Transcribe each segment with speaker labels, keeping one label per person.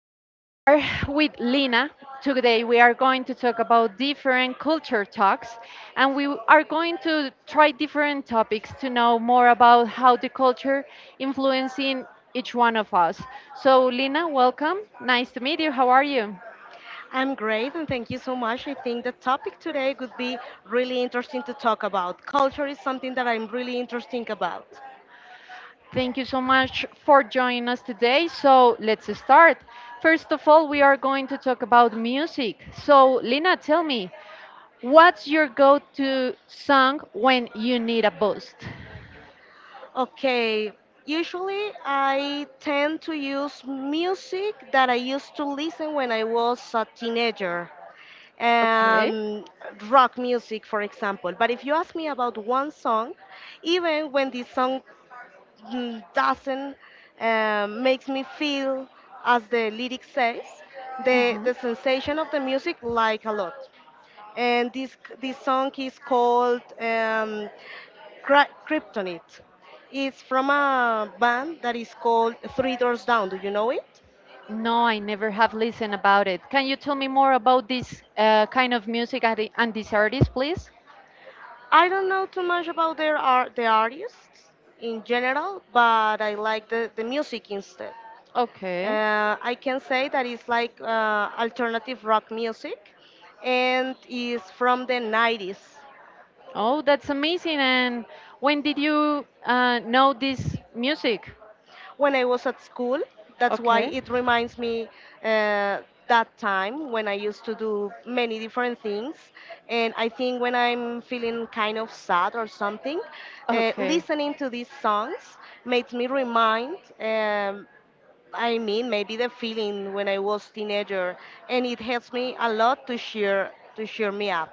Speaker 1: we are with Lina. Today we are going to talk about different culture talks, and we are going to try different topics to know more about how the culture influencing each one of us. So, Lina, welcome. Nice to meet you. How are you?
Speaker 2: I'm great and thank you so much. I think the topic today would be really interesting to talk about. Culture is something that I'm really interesting about.
Speaker 1: Thank you so much for joining us today. So let's start. First of all, we are going to talk about music. So, Lina, tell me, what's your go to song when you need a boost?
Speaker 2: Okay, usually I tend to use music that I used to listen when I was a teenager.
Speaker 1: Okay.
Speaker 2: Um, Rock music, for example. But if you ask me about one song, even when this song doesn't makes me feel, as the lyric says, the
Speaker 1: Mhm.
Speaker 2: the sensation of the music like a lot. And this song is called Kryptonite. It's from a band that is called Three Doors Down. Do you know it?
Speaker 1: No, I never have listened about it. Can you tell me more about this kind of music and and this artist, please?
Speaker 2: I don't know too much about their art, the artists in general, but I like the music instead.
Speaker 1: Okay.
Speaker 2: I can say that it's like alternative rock music and is from the 90s.
Speaker 1: Oh, that's amazing. And when did you know this music?
Speaker 2: When I was at school, that's why
Speaker 1: Okay.
Speaker 2: it reminds me uh, that time when I used to do many different things. And I think when I'm feeling kind of sad or something,
Speaker 1: Okay.
Speaker 2: listening to these songs makes me remind. I mean, maybe the feeling when I was teenager, and it helps me a lot to cheer me up.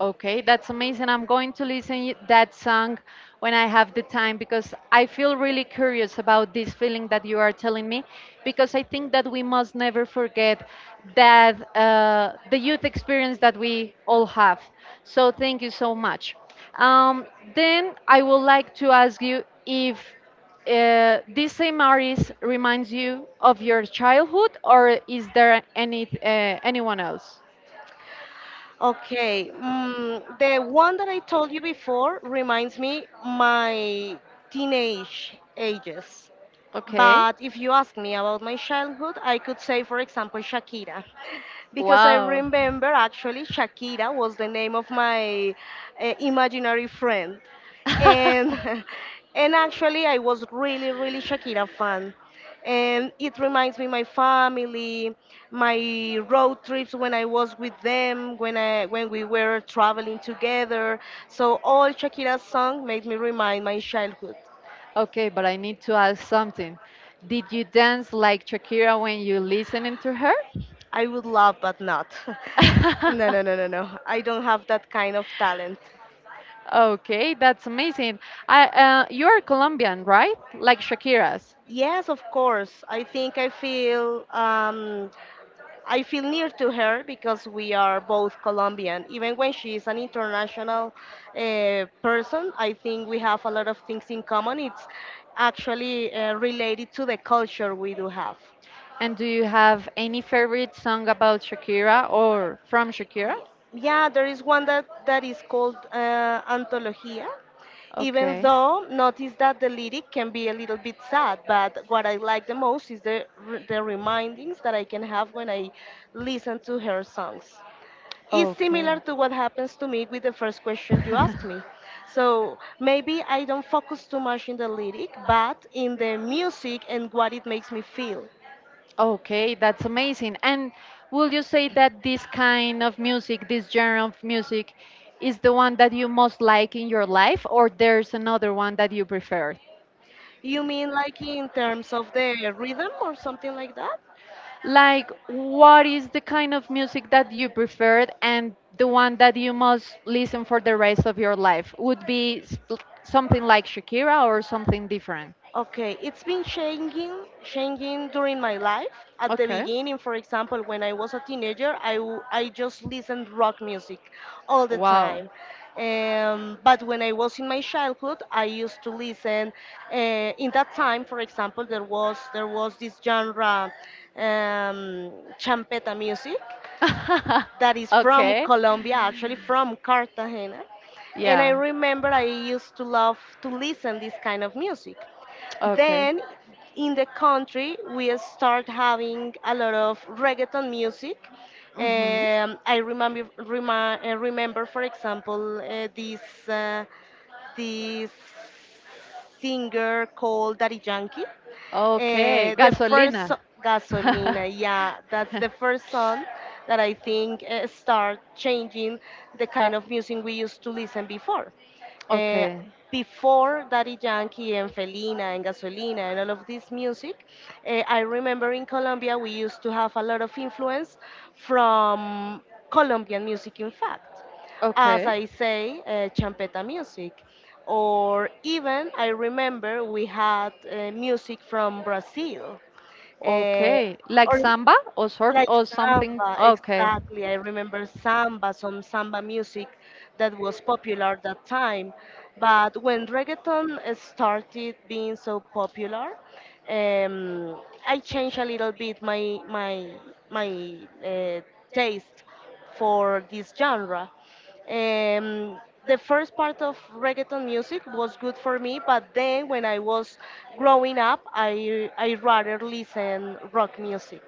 Speaker 1: Okay, that's amazing. I'm going to listen that song when I have the time because I feel really curious about this feeling that you are telling me because I think that we must never forget that the youth experience that we all have. So thank you so much. Um, then I would like to ask you if this same artist reminds you of your childhood or is there any anyone else?
Speaker 2: Okay, the one that I told you before reminds me my teenage ages.
Speaker 1: Okay.
Speaker 2: But if you ask me about my childhood, I could say, for example, Shakira. Because I
Speaker 1: Wow.
Speaker 2: remember actually Shakira was the name of my imaginary friend. And, and actually, I was really, really Shakira fan. And it reminds me my family, my road trips when I was with them, when I when we were traveling together. So all Shakira's song made me remind my childhood.
Speaker 1: Okay, but I need to ask something. Did you dance like Shakira when you listening to her?
Speaker 2: I would love, but not. No, no, no, no, no. I don't have that kind of talent.
Speaker 1: Okay, that's amazing. I, you are Colombian, right? Like Shakira's.
Speaker 2: Yes, of course. I think I feel near to her because we are both Colombian. Even when she is an international person, I think we have a lot of things in common. It's actually related to the culture we do have.
Speaker 1: And do you have any favorite song about Shakira or from Shakira?
Speaker 2: Yeah, yeah, there is one that is called Antologia. Even
Speaker 1: Okay.
Speaker 2: though notice that the lyric can be a little bit sad, but what I like the most is the the remindings that I can have when I listen to her songs. It's
Speaker 1: Okay.
Speaker 2: similar to what happens to me with the first question you asked me. So maybe I don't focus too much in the lyric, but in the music and what it makes me feel.
Speaker 1: Okay, that's amazing. And will you say that this kind of music, this genre of music, is the one that you most like in your life, or there's another one that you prefer?
Speaker 2: You mean like in terms of the rhythm or something like that?
Speaker 1: Like, what is the kind of music that you preferred and the one that you must listen for the rest of your life? Would be something like Shakira or something different?
Speaker 2: Okay, it's been changing, changing during my life. At the
Speaker 1: Okay.
Speaker 2: beginning, for example, when I was a teenager, I just listened rock music all the
Speaker 1: Wow.
Speaker 2: time. But when I was in my childhood, I used to listen. Uh, in that time, for example, there was this genre, um, champeta music that is from
Speaker 1: Okay.
Speaker 2: Colombia, actually from Cartagena. And I
Speaker 1: Yeah.
Speaker 2: remember I used to love to listen this kind of music.
Speaker 1: Okay.
Speaker 2: Then in the country we start having a lot of reggaeton music. I remember, remember, for example, this uh, this singer called Daddy Yankee.
Speaker 1: Okay, gasolina.
Speaker 2: Gasolina, yeah, that's the first song that I think start changing the kind of music we used to listen before. Eh,
Speaker 1: Okay.
Speaker 2: Before Daddy Yankee and Felina and Gasolina and all of this music, I remember in Colombia we used to have a lot of influence from Colombian music, in fact as
Speaker 1: Okay.
Speaker 2: I say, champeta music. Or even I remember we had music from Brazil. Uh,
Speaker 1: Okay, like
Speaker 2: or
Speaker 1: samba or surf
Speaker 2: like
Speaker 1: or something.
Speaker 2: samba,
Speaker 1: Okay.
Speaker 2: exactly. I remember samba, some samba music that was popular at that time. But when reggaeton started being so popular, um, I changed a little bit my taste for this genre. Um, the first part of reggaeton music was good for me, but then when I was growing up, I rather listen rock music.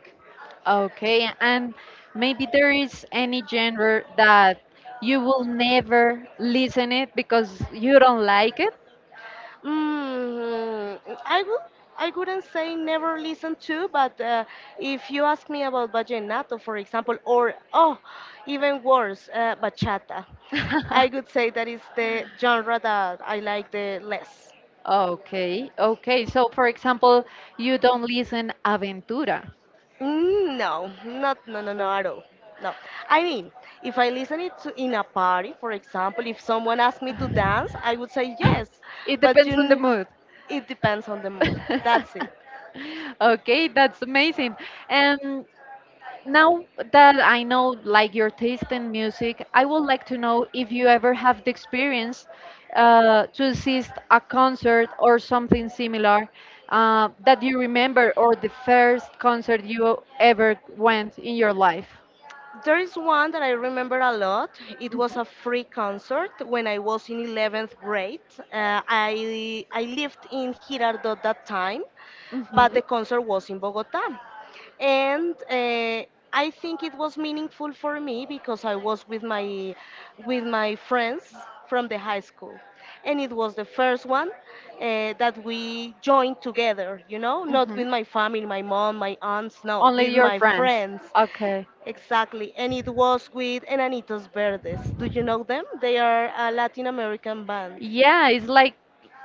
Speaker 1: Okay, and maybe there is any genre that you will never listen it because you don't like it.
Speaker 2: Mm, I would, I wouldn't say never listen to, but if you ask me about vallenato, for example, or oh, even worse, bachata, I would say that is the genre that I like the less.
Speaker 1: Okay, okay. So, for example, you don't listen Aventura.
Speaker 2: Mm, no, not no no no at all. No, I mean, if I listen it to in a party, for example, if someone asked me to dance, I would say yes,
Speaker 1: It
Speaker 2: but
Speaker 1: depends on the mood.
Speaker 2: it depends on the mood. That's it.
Speaker 1: Okay, that's amazing. Um, Now that I know like your taste in music, I would like to know if you ever have the experience to assist a concert or something similar that you remember or the first concert you ever went in your life.
Speaker 2: There is one that I remember a lot. It was a free concert when I was in 11th grade. I lived in Girardot that time,
Speaker 1: Mhm.
Speaker 2: but the concert was in Bogota and I think it was meaningful for me because I was with my friends from the high school, and it was the first one that we joined together. You know, not
Speaker 1: Mhm.
Speaker 2: with my family, my mom, my aunts, no,
Speaker 1: Only
Speaker 2: with
Speaker 1: your
Speaker 2: my
Speaker 1: friends.
Speaker 2: friends.
Speaker 1: Okay.
Speaker 2: Exactly, and it was with Enanitos Verdes. Do you know them? They are a Latin American band,
Speaker 1: Yeah, it's like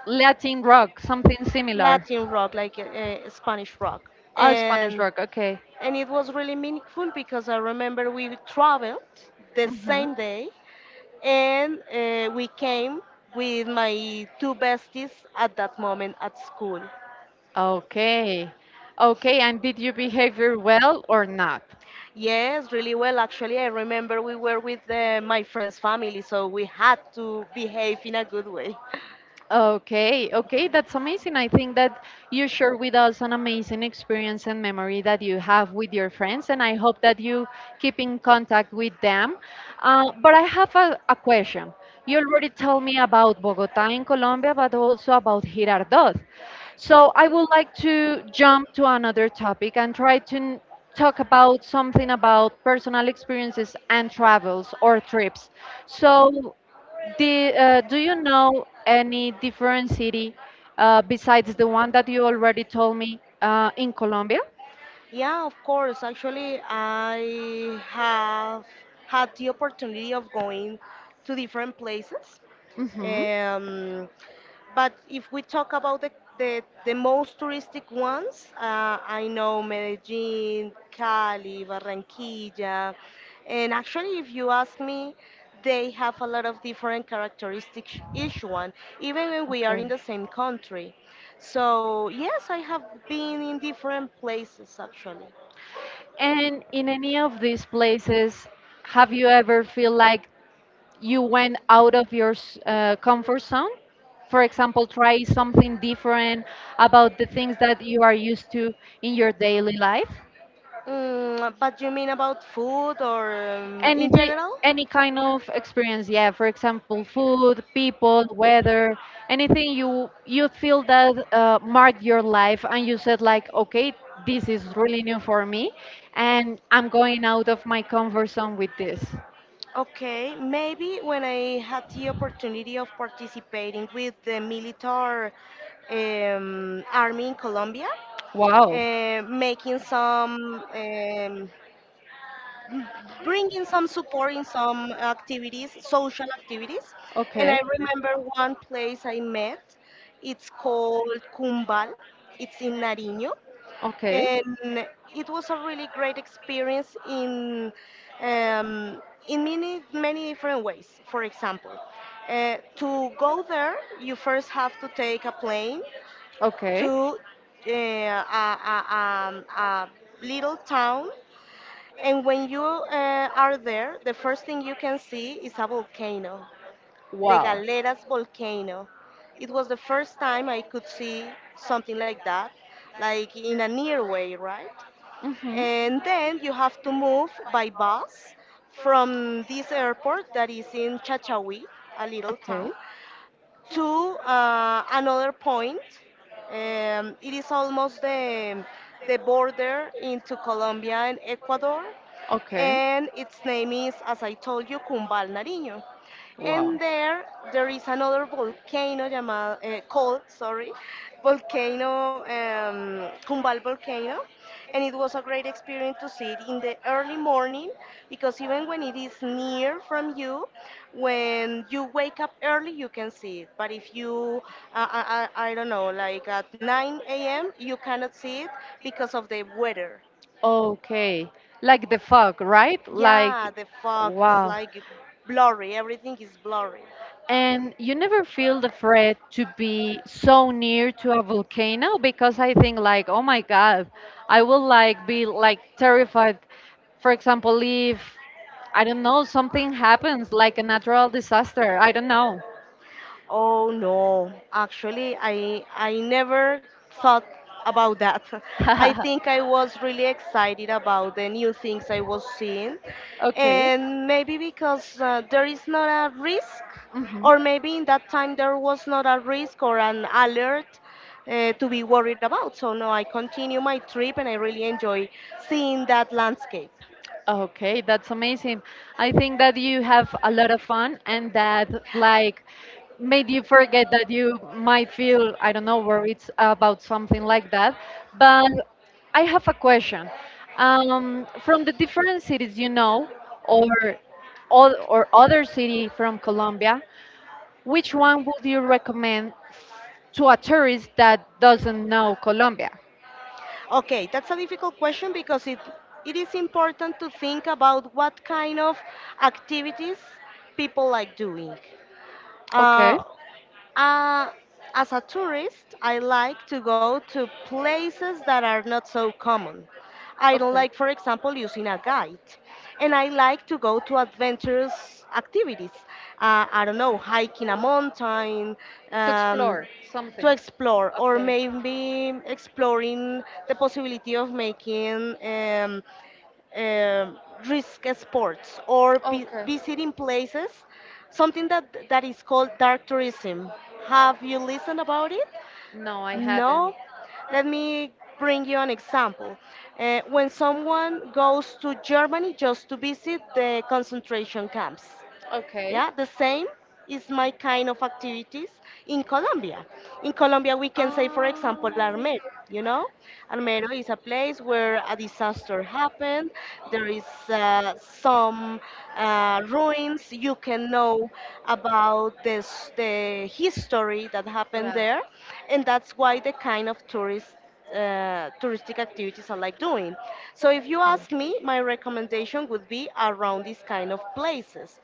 Speaker 1: Latin rock, something similar.
Speaker 2: Latin rock, like Spanish rock,
Speaker 1: Oh, Spanish
Speaker 2: and
Speaker 1: rock. Okay.
Speaker 2: it was really meaningful because I remember we traveled the
Speaker 1: Hmm.
Speaker 2: same day and we came with my two besties at that moment at school.
Speaker 1: Okay. Okay, and did you behave very well or not?
Speaker 2: Yes, really well. Actually, I remember we were with my friend's family, so we had to behave in a good way.
Speaker 1: Okay, okay, that's amazing. I think that you shared with us an amazing experience and memory that you have with your friends, and I hope that you keep in contact with them. But I have a question. You already told me about Bogota in Colombia, but also about Girardot. So I would like to jump to another topic and try to talk about something about personal experiences and travels or trips. So do you know any different city besides the one that you already told me in Colombia?
Speaker 2: Yeah, of course. Actually, I have had the opportunity of going to different places.
Speaker 1: Hmm.
Speaker 2: Um, but if we talk about the most touristic ones, I know Medellin, Cali, Barranquilla, and actually, if you ask me, they have a lot of different characteristics, each one, even when we are in the same country. So, yes, I have been in different places actually.
Speaker 1: And in any of these places, have you ever feel like you went out of your comfort zone, for example try something different about the things that you are used to in your daily life,
Speaker 2: Mm, but you mean about food or in
Speaker 1: anything,
Speaker 2: general?
Speaker 1: any kind of experience, yeah, for example, food, people, weather, anything you feel that marked your life and you said like, okay, this is really new for me and I'm going out of my comfort zone with this.
Speaker 2: Okay, maybe when I had the opportunity of participating with the military army in Colombia,
Speaker 1: Wow.
Speaker 2: making bringing some support in some activities, social activities. And
Speaker 1: Okay.
Speaker 2: I remember one place I met, it's called Cumbal, it's in Nariño,
Speaker 1: Okay.
Speaker 2: and it was a really great experience um, in many many different ways. For example, to go there, you first have to take a plane
Speaker 1: Okay.
Speaker 2: to uh, a, a little town, and when you are there, the first thing you can see is a volcano, the
Speaker 1: Wow.
Speaker 2: Galeras volcano. It was the first time I could see something like that, like in a near way, right?
Speaker 1: Mhm.
Speaker 2: And then you have to move by bus from this airport that is in Chachawi, a little town,
Speaker 1: Okay.
Speaker 2: to another point. It is almost the border into Colombia and Ecuador,
Speaker 1: Okay.
Speaker 2: and its name is, as I told you, Cumbal Nariño.
Speaker 1: Wow.
Speaker 2: And there is another volcano llamado, called, sorry, volcano, Kumbal volcano. And it was a great experience to see it in the early morning because even when it is near from you, when you wake up early, you can see it. But if you, I don't know, like at 9 a.m., you cannot see it because of the weather.
Speaker 1: Okay. Like the fog, right?
Speaker 2: Yeah,
Speaker 1: Like,
Speaker 2: the fog is
Speaker 1: wow.
Speaker 2: like blurry, everything is blurry.
Speaker 1: And you never feel the threat to be so near to a volcano because I think like, oh my God, I will like be like terrified. For example, if I don't know, something happens like a natural disaster. I don't know.
Speaker 2: Oh no, actually, I never thought about that. I think I was really excited about the new things I was seeing,
Speaker 1: Okay.
Speaker 2: and maybe because there is not a risk,
Speaker 1: Hmm.
Speaker 2: or maybe in that time there was not a risk or an alert to be worried about. So no, I continue my trip and I really enjoy seeing that landscape.
Speaker 1: Okay, that's amazing. I think that you have a lot of fun and that like made you forget that you might feel, I don't know, worried about something like that. But I have a question. From the different cities you know, or all, or other city from Colombia, which one would you recommend to a tourist that doesn't know Colombia?
Speaker 2: Okay, that's a difficult question because it is important to think about what kind of activities people like doing. Uh,
Speaker 1: Okay.
Speaker 2: uh, as a tourist, I like to go to places that are not so common. I don't
Speaker 1: Okay.
Speaker 2: like, for example, using a guide. And I like to go to adventurous activities. I don't know, hiking a mountain,
Speaker 1: To
Speaker 2: um,
Speaker 1: explore something.
Speaker 2: to explore, or
Speaker 1: Okay.
Speaker 2: maybe exploring the possibility of making um, risk sports or
Speaker 1: Okay.
Speaker 2: visiting places, something that is called dark tourism. Have you listened about it?
Speaker 1: No, I haven't.
Speaker 2: No. Let me bring you an example. When someone goes to Germany just to visit the concentration camps,
Speaker 1: Okay.
Speaker 2: yeah, the same is my kind of activities in Colombia. In Colombia, we can say, for example,
Speaker 1: Um,
Speaker 2: Armero. You know, Armero is a place where a disaster happened. There is some ruins. You can know about this, the history that happened
Speaker 1: yeah.
Speaker 2: there, and that's why the kind of tourist touristic activities I like doing. So if you ask me, my recommendation would be around these kind of places.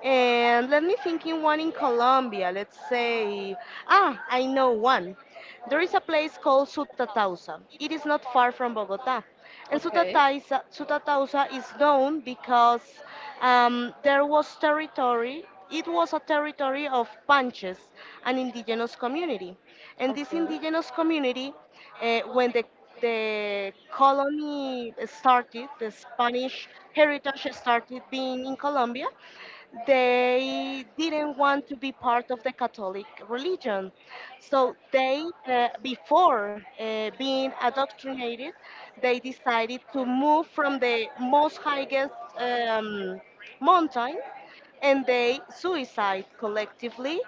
Speaker 2: And let me think in one in Colombia. Let's say, ah, I know one. There is a place called Sutatausa. It is not far from Bogota. And
Speaker 1: Okay.
Speaker 2: Sutatausa is known because there was territory, it was a territory of Panches, an indigenous community. And this
Speaker 1: Okay.
Speaker 2: indigenous community, when the colony started, the Spanish heritage started being in Colombia, they didn't want to be part of the Catholic religion. So they, before being indoctrinated, they decided to move from the most highest mountain, and they suicide collectively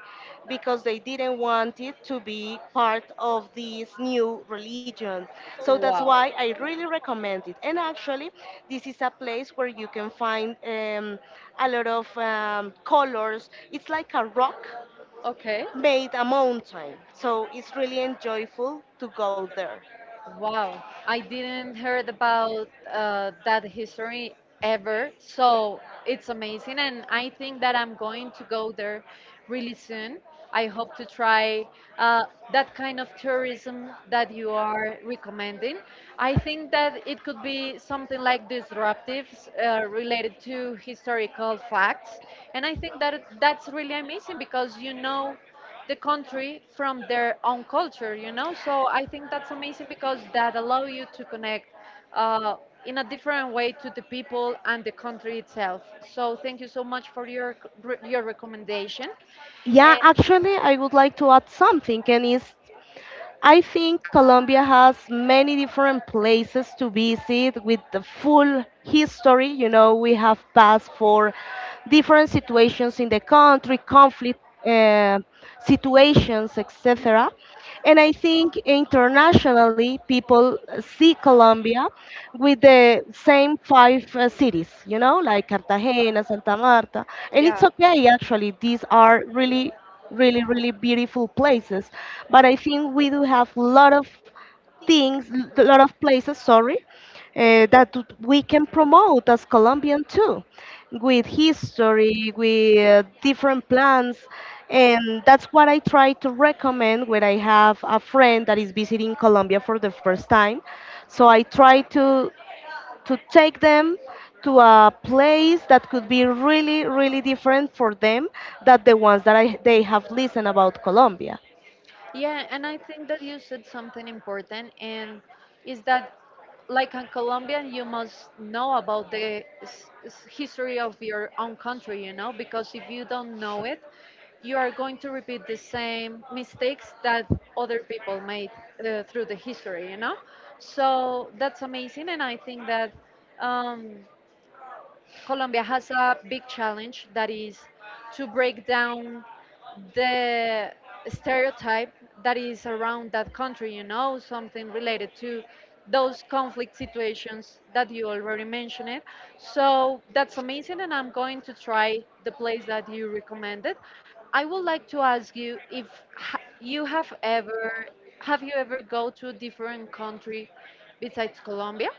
Speaker 2: because they didn't want it to be part of this new religion. So that's why I really recommend it. And actually, this is a place where you can find a lot of colors. It's like a rock
Speaker 1: Okay.
Speaker 2: made a mountain. So it's really enjoyable to go there.
Speaker 1: Wow, I didn't heard about that history ever, so it's amazing, and I think that I'm going to go there really soon. I hope to try uh, that kind of tourism that you are recommending. I think that it could be something like disruptives related to historical facts, and I think that that's really amazing because you know the country from their own culture, you know, so I think that's amazing because that allow you to connect uh, in a different way to the people and the country itself. So thank you so much for your recommendation.
Speaker 2: Yeah, actually, I would like to add something, and it's.
Speaker 1: I.
Speaker 2: I think Colombia has many different places to visit with the full history. You know, we have passed for different situations in the country, conflict uh, situations, etc. And I think internationally, people see Colombia with the same five cities, you know, like Cartagena, Santa Marta. And it's okay, actually. These are really really really beautiful places, but I think we do have a lot of things, a lot of places, sorry, that we can promote as colombian too, with history, with different plans. And that's what I try to recommend when I have a friend that is visiting colombia for the first time. So I try to take them to a place that could be really, really different for them than the ones that they have listened about Colombia.
Speaker 1: Yeah, and I think that you said something important, and is that like a Colombian, you must know about the history of your own country, you know, because if you don't know it, you are going to repeat the same mistakes that other people made through the history, you know. So that's amazing, and I think that. Um, Colombia has a big challenge that is to break down the stereotype that is around that country, you know, something related to those conflict situations that you already mentioned. It. So that's amazing, and I'm going to try the place that you recommended. I would like to ask you if ha- you have ever have you ever go to a different country besides Colombia?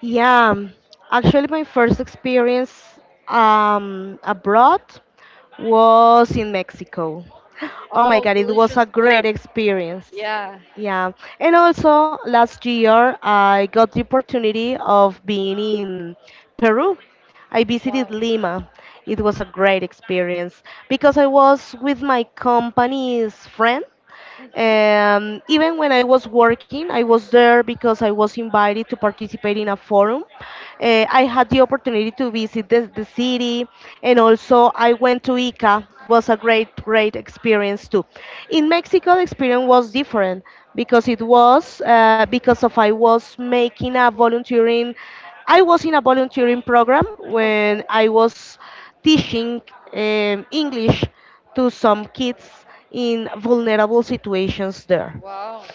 Speaker 2: Yeah, actually, my first experience abroad was in Mexico. Oh my
Speaker 1: Oh,
Speaker 2: God, it was
Speaker 1: delicious
Speaker 2: a great
Speaker 1: food.
Speaker 2: experience.
Speaker 1: Yeah.
Speaker 2: Yeah, and also last year I got the opportunity of being in Peru. I visited Lima. It was a great experience because I was with my company's friend.
Speaker 1: Mhm.
Speaker 2: Even when I was working, I was there because I was invited to participate in a forum. I had the opportunity to visit the city, and also I went to Ica. Was a great experience too. In Mexico, the experience was different because it was because of I was making a volunteering, I was in a volunteering program when I was teaching English to some kids in vulnerable situations there.
Speaker 1: Wow.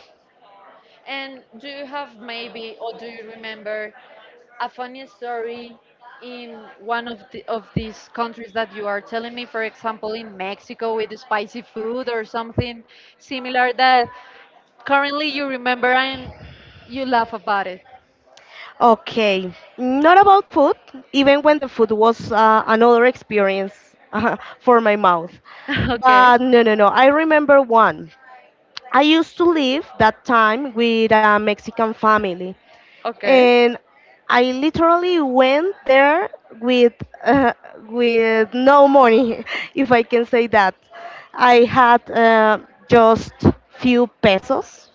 Speaker 1: And do you have maybe, or do you remember a funny story in one of of these countries that you are telling me? For example, in Mexico with the spicy food or something similar that currently you remember and you laugh about it?
Speaker 2: Okay, not about food, even when the food was another experience for my mouth.
Speaker 1: Okay.
Speaker 2: But no, no, no, I remember one. I used to live that time with a Mexican family, and I literally went there with uh, with no money, if I can say that. I had just few pesos,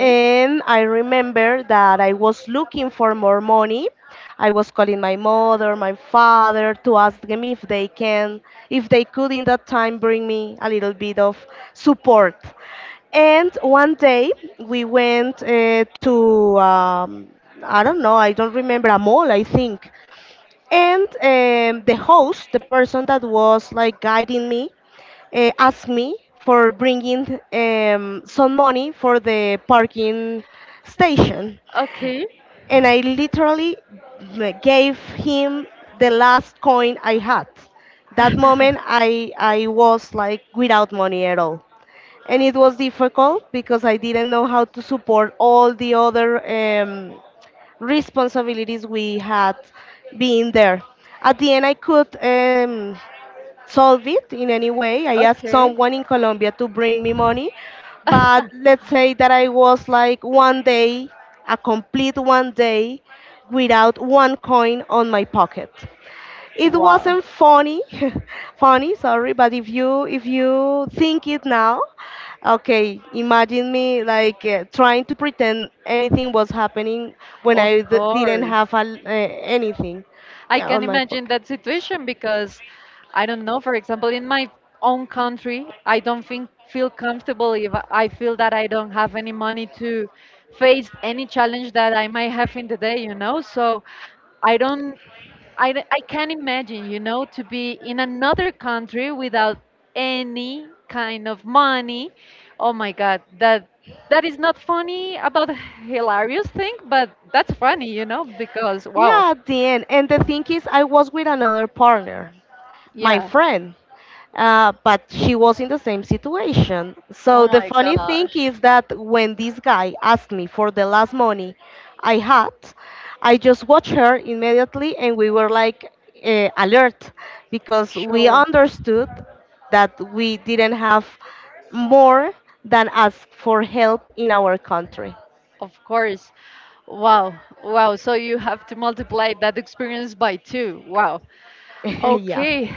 Speaker 2: and I remember that I was looking for more money. I was calling my mother, my father to ask them if they could in that time bring me a little bit of support. And one day we went to, I don't know, I don't remember, a mall, I think. And the host, the person that was like guiding me, asked me for bringing some money for the parking station.
Speaker 1: Okay.
Speaker 2: And I literally gave him the last coin I had. That moment, I was like without money at all. And it was difficult because I didn't know how to support all the other responsibilities we had being there. At the end, I could solve it in any way. I asked
Speaker 1: Okay.
Speaker 2: someone in Colombia to bring me money, but let's say that I was like one day, a complete one day, without one coin on my pocket. It
Speaker 1: Wow.
Speaker 2: wasn't funny, funny, sorry, but if you think it now, okay, imagine me like trying to pretend anything was happening when
Speaker 1: Of
Speaker 2: I didn't
Speaker 1: course.
Speaker 2: have anything,
Speaker 1: I
Speaker 2: yeah,
Speaker 1: can
Speaker 2: on my
Speaker 1: imagine
Speaker 2: pocket.
Speaker 1: that situation because I don't know, for example, in my own country, I don't think feel comfortable if I feel that I don't have any money to face any challenge that I might have in the day, you know? So I don't I, d- I can't imagine, you know, to be in another country without any kind of money. Oh my God, that that is not funny about a hilarious thing, but that's funny, you know, because wow,
Speaker 2: Yeah, at the end. And the thing is, I was with another partner. My
Speaker 1: yeah.
Speaker 2: friend. But she was in the same situation.
Speaker 1: Oh
Speaker 2: So the
Speaker 1: my
Speaker 2: funny thing
Speaker 1: gosh.
Speaker 2: is that when this guy asked me for the last money I had, I just watched her immediately, and we were like alert because we
Speaker 1: Sure,
Speaker 2: understood that we didn't have more than ask for help in our country.
Speaker 1: of course. Wow, wow. So you have to multiply that experience by two. Wow.
Speaker 2: Yeah.
Speaker 1: Okay,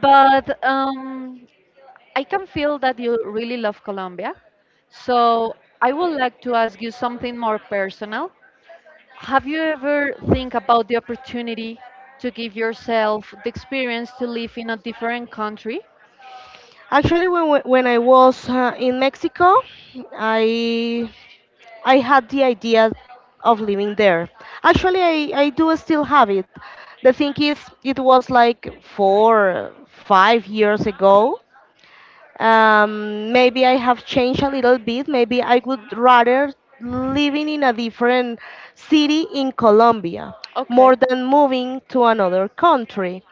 Speaker 1: but I can feel that you really love Colombia. So I would like to ask you something more personal. Have you ever think about the opportunity to give yourself the experience to live in a different country?
Speaker 2: Actually, when I was in Mexico, I I had the idea of living there. Actually, I do still have it. The thing is, it was like four, 5 years ago. Maybe I have changed a little bit. Maybe I would
Speaker 1: Mhm.
Speaker 2: rather living in a different city in Colombia
Speaker 1: Okay.
Speaker 2: more than moving to another country.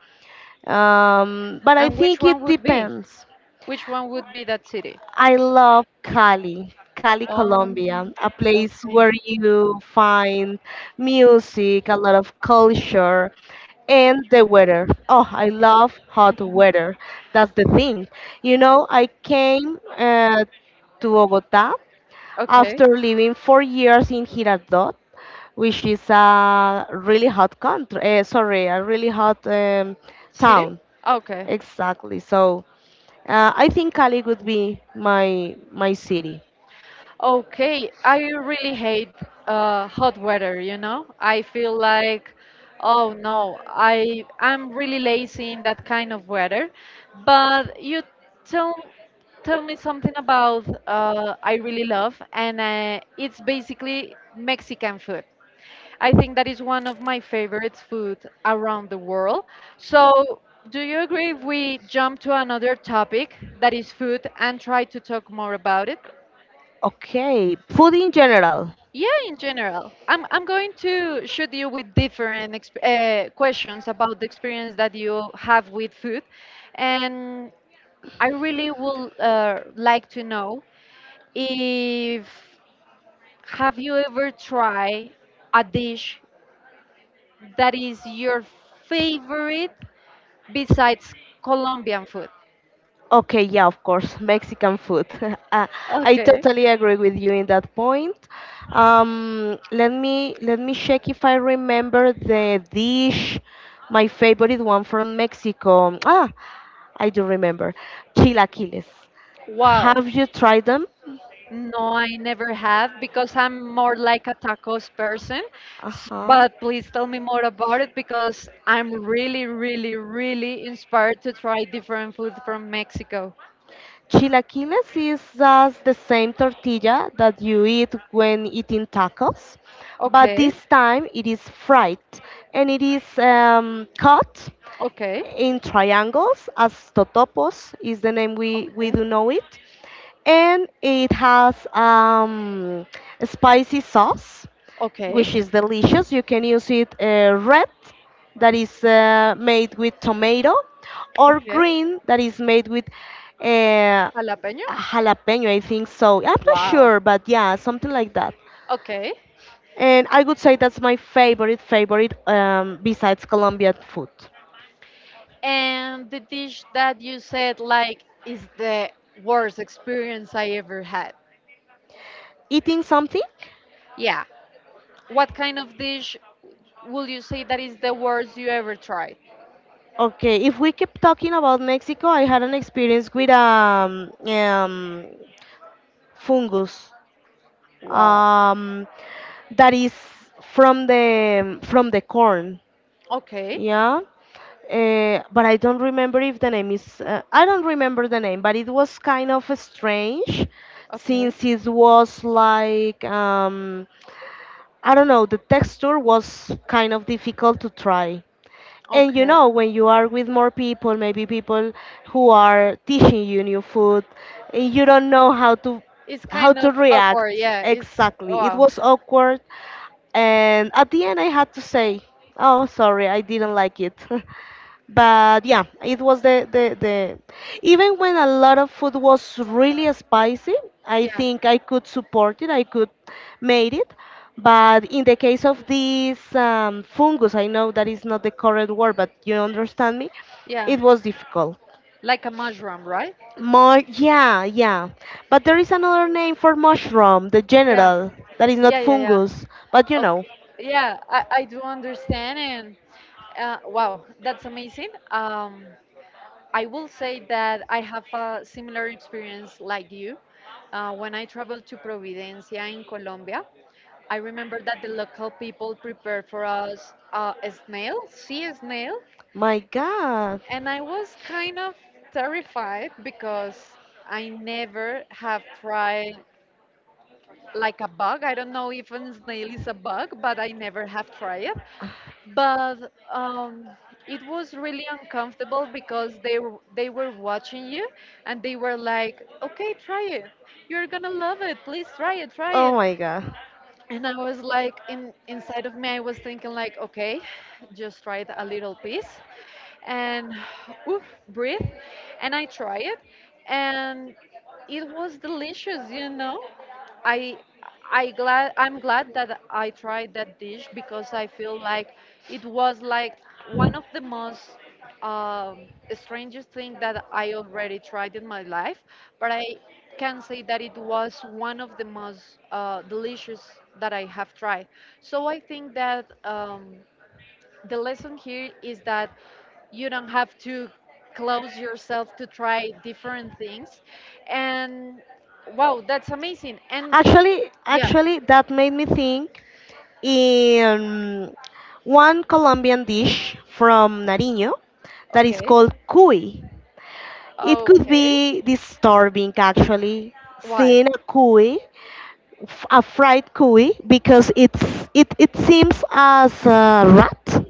Speaker 2: But I
Speaker 1: And which
Speaker 2: think
Speaker 1: one
Speaker 2: it
Speaker 1: would be?
Speaker 2: depends.
Speaker 1: Which one would be that city?
Speaker 2: I love Cali, Colombia,
Speaker 1: Um,
Speaker 2: a place
Speaker 1: okay.
Speaker 2: where you find music, a lot of culture, and the weather. Oh, I love hot weather. That's the thing. You know, I came to Bogota
Speaker 1: Okay.
Speaker 2: after living 4 years in Girardot, which is a really hot country, sorry, a really hot
Speaker 1: City?
Speaker 2: town.
Speaker 1: Okay.
Speaker 2: Exactly. So I think Cali would be my city.
Speaker 1: Okay, I really hate hot weather, you know? I feel like, oh no, I I'm really lazy in that kind of weather. But you tell tell me something about I really love, and it's basically Mexican food. I think that is one of my favorite food around the world. So, do you agree if we jump to another topic that is food and try to talk more about it?
Speaker 2: Okay, food in general.
Speaker 1: Yeah, in general, I'm going to shoot you with different questions about the experience that you have with food, and I really would like to know if have you ever tried a dish that is your favorite besides Colombian food?
Speaker 2: Okay, yeah, of course, Mexican food. Uh, I
Speaker 1: Okay.
Speaker 2: totally agree with you in that point. Let me check if I remember the dish, my favorite one from Mexico. Ah, I do remember, chilaquiles.
Speaker 1: Wow.
Speaker 2: Have you tried them?
Speaker 1: No, I never have because I'm more like a tacos person.
Speaker 2: Uh huh.
Speaker 1: But please tell me more about it because I'm really, really, really inspired to try different food from Mexico.
Speaker 2: Chilaquiles is just the same tortilla that you eat when eating tacos, but
Speaker 1: Okay,
Speaker 2: this time it is fried, and it is cut
Speaker 1: okay,
Speaker 2: in triangles, as totopos is the name we
Speaker 1: okay,
Speaker 2: do know it. And it has a spicy sauce,
Speaker 1: okay,
Speaker 2: which is delicious. You can use it red, that is made with tomato, or
Speaker 1: okay.
Speaker 2: green that is made with uh,
Speaker 1: Jalapeño?
Speaker 2: jalapeno, I think so. I'm not
Speaker 1: Wow.
Speaker 2: sure, but yeah, something like that.
Speaker 1: Okay.
Speaker 2: And I would say that's my favorite favorite, besides colombian food.
Speaker 1: And the dish that you said like is the worst experience I ever had.
Speaker 2: Eating something.
Speaker 1: Yeah. What kind of dish will you say that is the worst you ever tried?
Speaker 2: Okay, if we keep talking about Mexico, I had an experience with fungus
Speaker 1: Wow.
Speaker 2: um that is from the corn.
Speaker 1: Okay.
Speaker 2: Yeah. But I don't remember if the name is. I don't remember the name, but it was kind of strange,
Speaker 1: Okay.
Speaker 2: since it was like I don't know. The texture was kind of difficult to try. And you
Speaker 1: Okay.
Speaker 2: know, when you are with more people, maybe people who are teaching you new food, and you don't know how to
Speaker 1: It's kind of
Speaker 2: react,
Speaker 1: awkward. Yeah. It's
Speaker 2: exactly, it
Speaker 1: wow.
Speaker 2: was awkward, and at the end I had to say, oh, sorry, I didn't like it. But yeah, it was the even when a lot of food was really spicy, I
Speaker 1: Yeah.
Speaker 2: think I could support it, I could made it. But in the case of this fungus, I know that is not the correct word, but you understand me,
Speaker 1: Yeah.
Speaker 2: it was difficult.
Speaker 1: Like a mushroom, right?
Speaker 2: More, yeah, yeah. But there is another name for mushroom, the
Speaker 1: Yeah.
Speaker 2: general, that is not
Speaker 1: Yeah, yeah, yeah.
Speaker 2: fungus, but.
Speaker 1: Yeah, I do understand. And wow, that's amazing. I will say that I have a similar experience like you. When I traveled to Providencia in Colombia, I remember that the local people prepared for us a snail, sea snail,
Speaker 2: My God.
Speaker 1: and I was kind of terrified because I never have tried like a bug. I don't know if a snail is a bug, but I never have tried it. But it was really uncomfortable because they were watching you and they were like, "Okay, try it. You're gonna love it. Please try it, try
Speaker 2: Oh
Speaker 1: it."
Speaker 2: my God.
Speaker 1: And I was like, in inside of me, I was thinking like, "Okay, just try it a little piece, and oof, breathe." And I try it, and it was delicious. I I'm glad that I tried that dish because I feel like it was like one of the most um, strangest thing that I already tried in my life, but I can say that it was one of the most delicious that I have tried. So I think that the lesson here is that you don't have to close yourself to try different things, and wow, that's amazing. And
Speaker 2: Actually,
Speaker 1: yeah,
Speaker 2: actually, that made me think in one Colombian dish from Nariño that is
Speaker 1: okay.
Speaker 2: called cuy. It could
Speaker 1: Okay.
Speaker 2: be disturbing actually
Speaker 1: Why?
Speaker 2: seeing a cuy, a fried cuy, because it seems as a rat.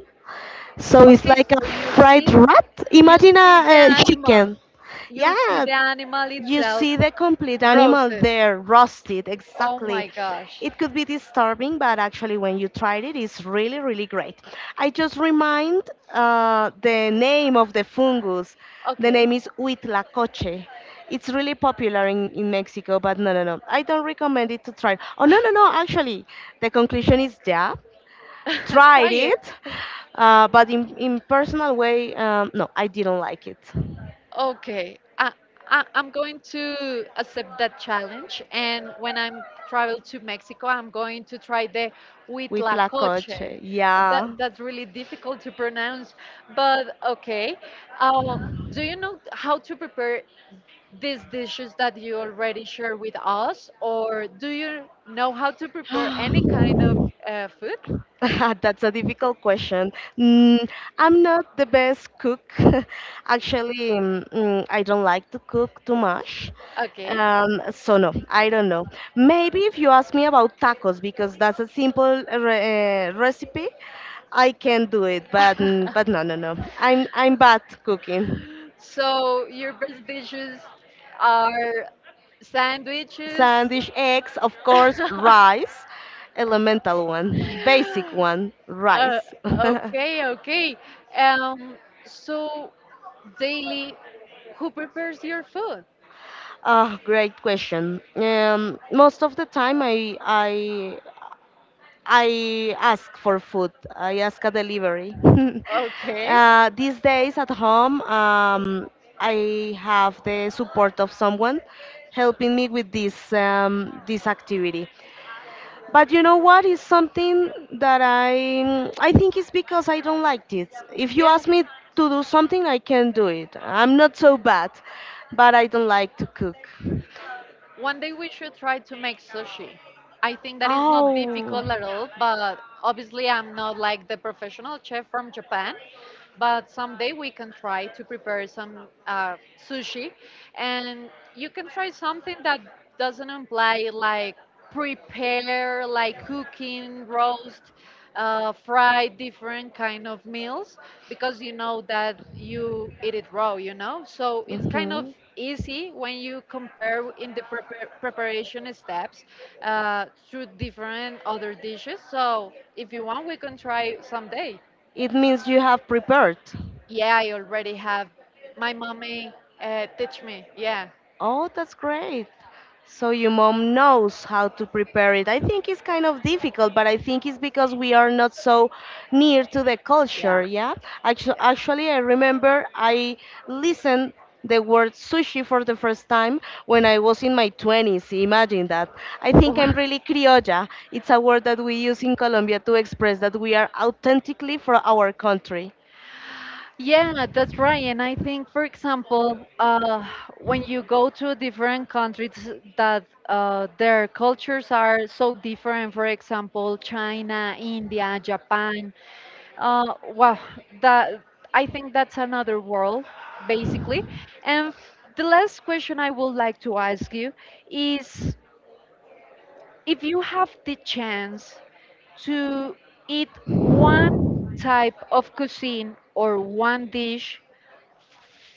Speaker 2: So it's like a
Speaker 1: So you
Speaker 2: fried
Speaker 1: sit
Speaker 2: rat. Imagine
Speaker 1: with the
Speaker 2: a
Speaker 1: animal.
Speaker 2: chicken.
Speaker 1: You see
Speaker 2: Yeah,
Speaker 1: the animal
Speaker 2: you
Speaker 1: itself
Speaker 2: see the complete animal
Speaker 1: roasted.
Speaker 2: there, roasted,
Speaker 1: Oh
Speaker 2: exactly.
Speaker 1: my gosh.
Speaker 2: It could be disturbing, but actually, when you tried it, it's really, really great. I just remind the name of the fungus. The
Speaker 1: Okay.
Speaker 2: name is Huitlacoche. It's really popular in Mexico, but no, no, no. I don't recommend it to try. Oh, no, no, no. Actually, the conclusion is yeah,
Speaker 1: Try
Speaker 2: tried
Speaker 1: it.
Speaker 2: it, but in personal way, no, I didn't like it.
Speaker 1: Okay. I, I'm going to accept that challenge. And when I'm travel to Mexico, I'm going to try the huitlacoche.
Speaker 2: Huitlacoche,
Speaker 1: That
Speaker 2: yeah.
Speaker 1: that's really difficult to pronounce, but okay. Uh, do you know how to prepare these dishes that you already share with us, or do you know how to prepare any kind
Speaker 2: Prepare
Speaker 1: of food?
Speaker 2: That's a difficult question. Mm, I'm not the best cook. Actually, I don't like to cook too much.
Speaker 1: Okay.
Speaker 2: So no, I don't know. Maybe if you ask me about tacos, because that's a simple recipe, I can do it. But no, no, no. I'm bad cooking.
Speaker 1: So your best dishes are sandwiches.
Speaker 2: Sandwich eggs, of course, rice, elemental one, basic one,
Speaker 1: Uh,
Speaker 2: rice.
Speaker 1: okay, okay. Um, so daily, who prepares your food?
Speaker 2: Ah, great question. Most of the time, I ask for food. I ask a delivery.
Speaker 1: Okay.
Speaker 2: These days at home, I have the support of someone helping me with this activity. But you know what is something that I think it's because I don't like it. If you
Speaker 1: Yeah.
Speaker 2: ask me to do something, I can do it. I'm not so bad, but I don't like to cook.
Speaker 1: One day we should try to make sushi. I think that is not
Speaker 2: Oh.
Speaker 1: difficult at all, but obviously I'm not like the professional chef from Japan. But someday we can try to prepare some sushi, and you can try something that doesn't imply like prepare like cooking roast fry different kind of meals, because you know that you eat it raw, you know, so it's kind of
Speaker 2: Mhm.
Speaker 1: easy when you compare in the preparation steps through different other dishes. So if you want, we can try someday.
Speaker 2: It means you have prepared.
Speaker 1: Yeah, I already have. My mommy teach me. Yeah,
Speaker 2: Oh, that's great. So your mom knows how to prepare it. I think it's kind of difficult, but I think it's because we are not so near to the
Speaker 1: yeah.
Speaker 2: culture, yeah? Actually, I remember I listened the word sushi for the first time when I was in my 20s. Imagine that. I think I'm really criolla. It's a word that we use in Colombia to express that we are authentically from our country.
Speaker 1: Yeah, that's right. And I think, for example, when you go to different countries that their cultures are so different, for example, China, India, Japan. Well, that, I think that's another world, basically. And the last question I would like to ask you is, if you have the chance to eat one type of cuisine or one dish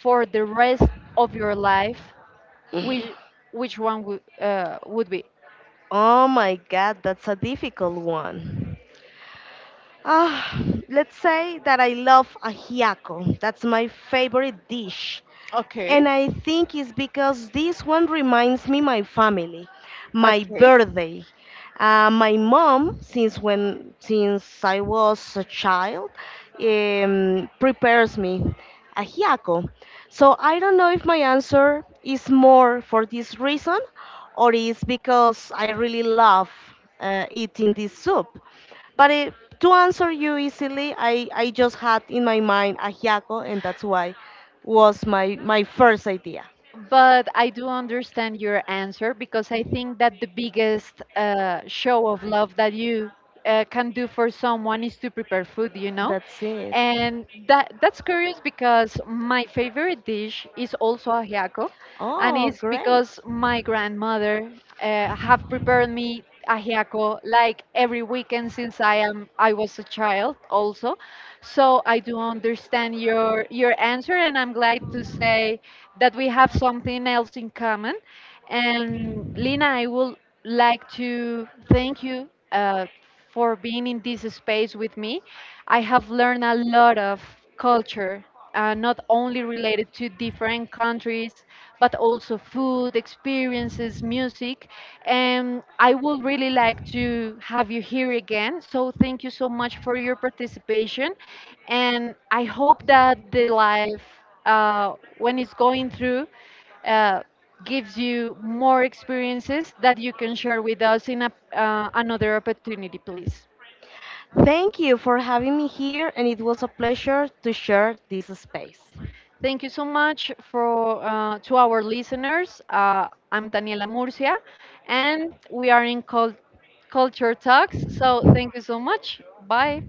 Speaker 1: for the rest of your life, which which one would be?
Speaker 2: Oh my God, that's a difficult one. Ah, let's say that I love ajiaco. That's my favorite dish.
Speaker 1: Okay.
Speaker 2: And I think it's because this one reminds me my family, my
Speaker 1: Okay.
Speaker 2: birthday. My mom, since I was a child, prepares me ajiaco. So I don't know if my answer is more for this reason or is because I really love eating this soup. But it, to answer you easily, I just had in my mind ajiaco, and that's why was my first idea.
Speaker 1: But I do understand your answer, because I think that the biggest show of love that you can do for someone is to prepare food, you know?
Speaker 2: That's it.
Speaker 1: And that's curious, because my favorite dish is also ajiaco, and
Speaker 2: Oh,
Speaker 1: it's
Speaker 2: great.
Speaker 1: because my grandmother have prepared me ajiaco like every weekend since I was a child also. So I do understand
Speaker 2: I
Speaker 1: your answer, and I'm glad to
Speaker 2: would say
Speaker 1: say
Speaker 2: that,
Speaker 1: that we have something else in common. And
Speaker 2: and
Speaker 1: Lina,
Speaker 2: Lena, I
Speaker 1: I
Speaker 2: would
Speaker 1: would
Speaker 2: like
Speaker 1: like
Speaker 2: to. I
Speaker 1: to thank you
Speaker 2: would like
Speaker 1: for being in this space with me. I have learned a lot of culture, not only related to
Speaker 2: to
Speaker 1: different countries, but also food,
Speaker 2: have so much for you, and
Speaker 1: experiences,
Speaker 2: when
Speaker 1: music. And I would really like to have you here again. So thank you so much for your participation. And I hope that the life, uh, when it's going through, uh, gives you more
Speaker 2: it
Speaker 1: experiences that you can
Speaker 2: gives you,
Speaker 1: share with us in another opportunity, please.
Speaker 2: thank you for having me here, and it was a pleasure to share this space.
Speaker 1: Thank you so much for to our listeners. I'm Daniela Murcia, and we are in Culture Talks. So thank you so much. Bye.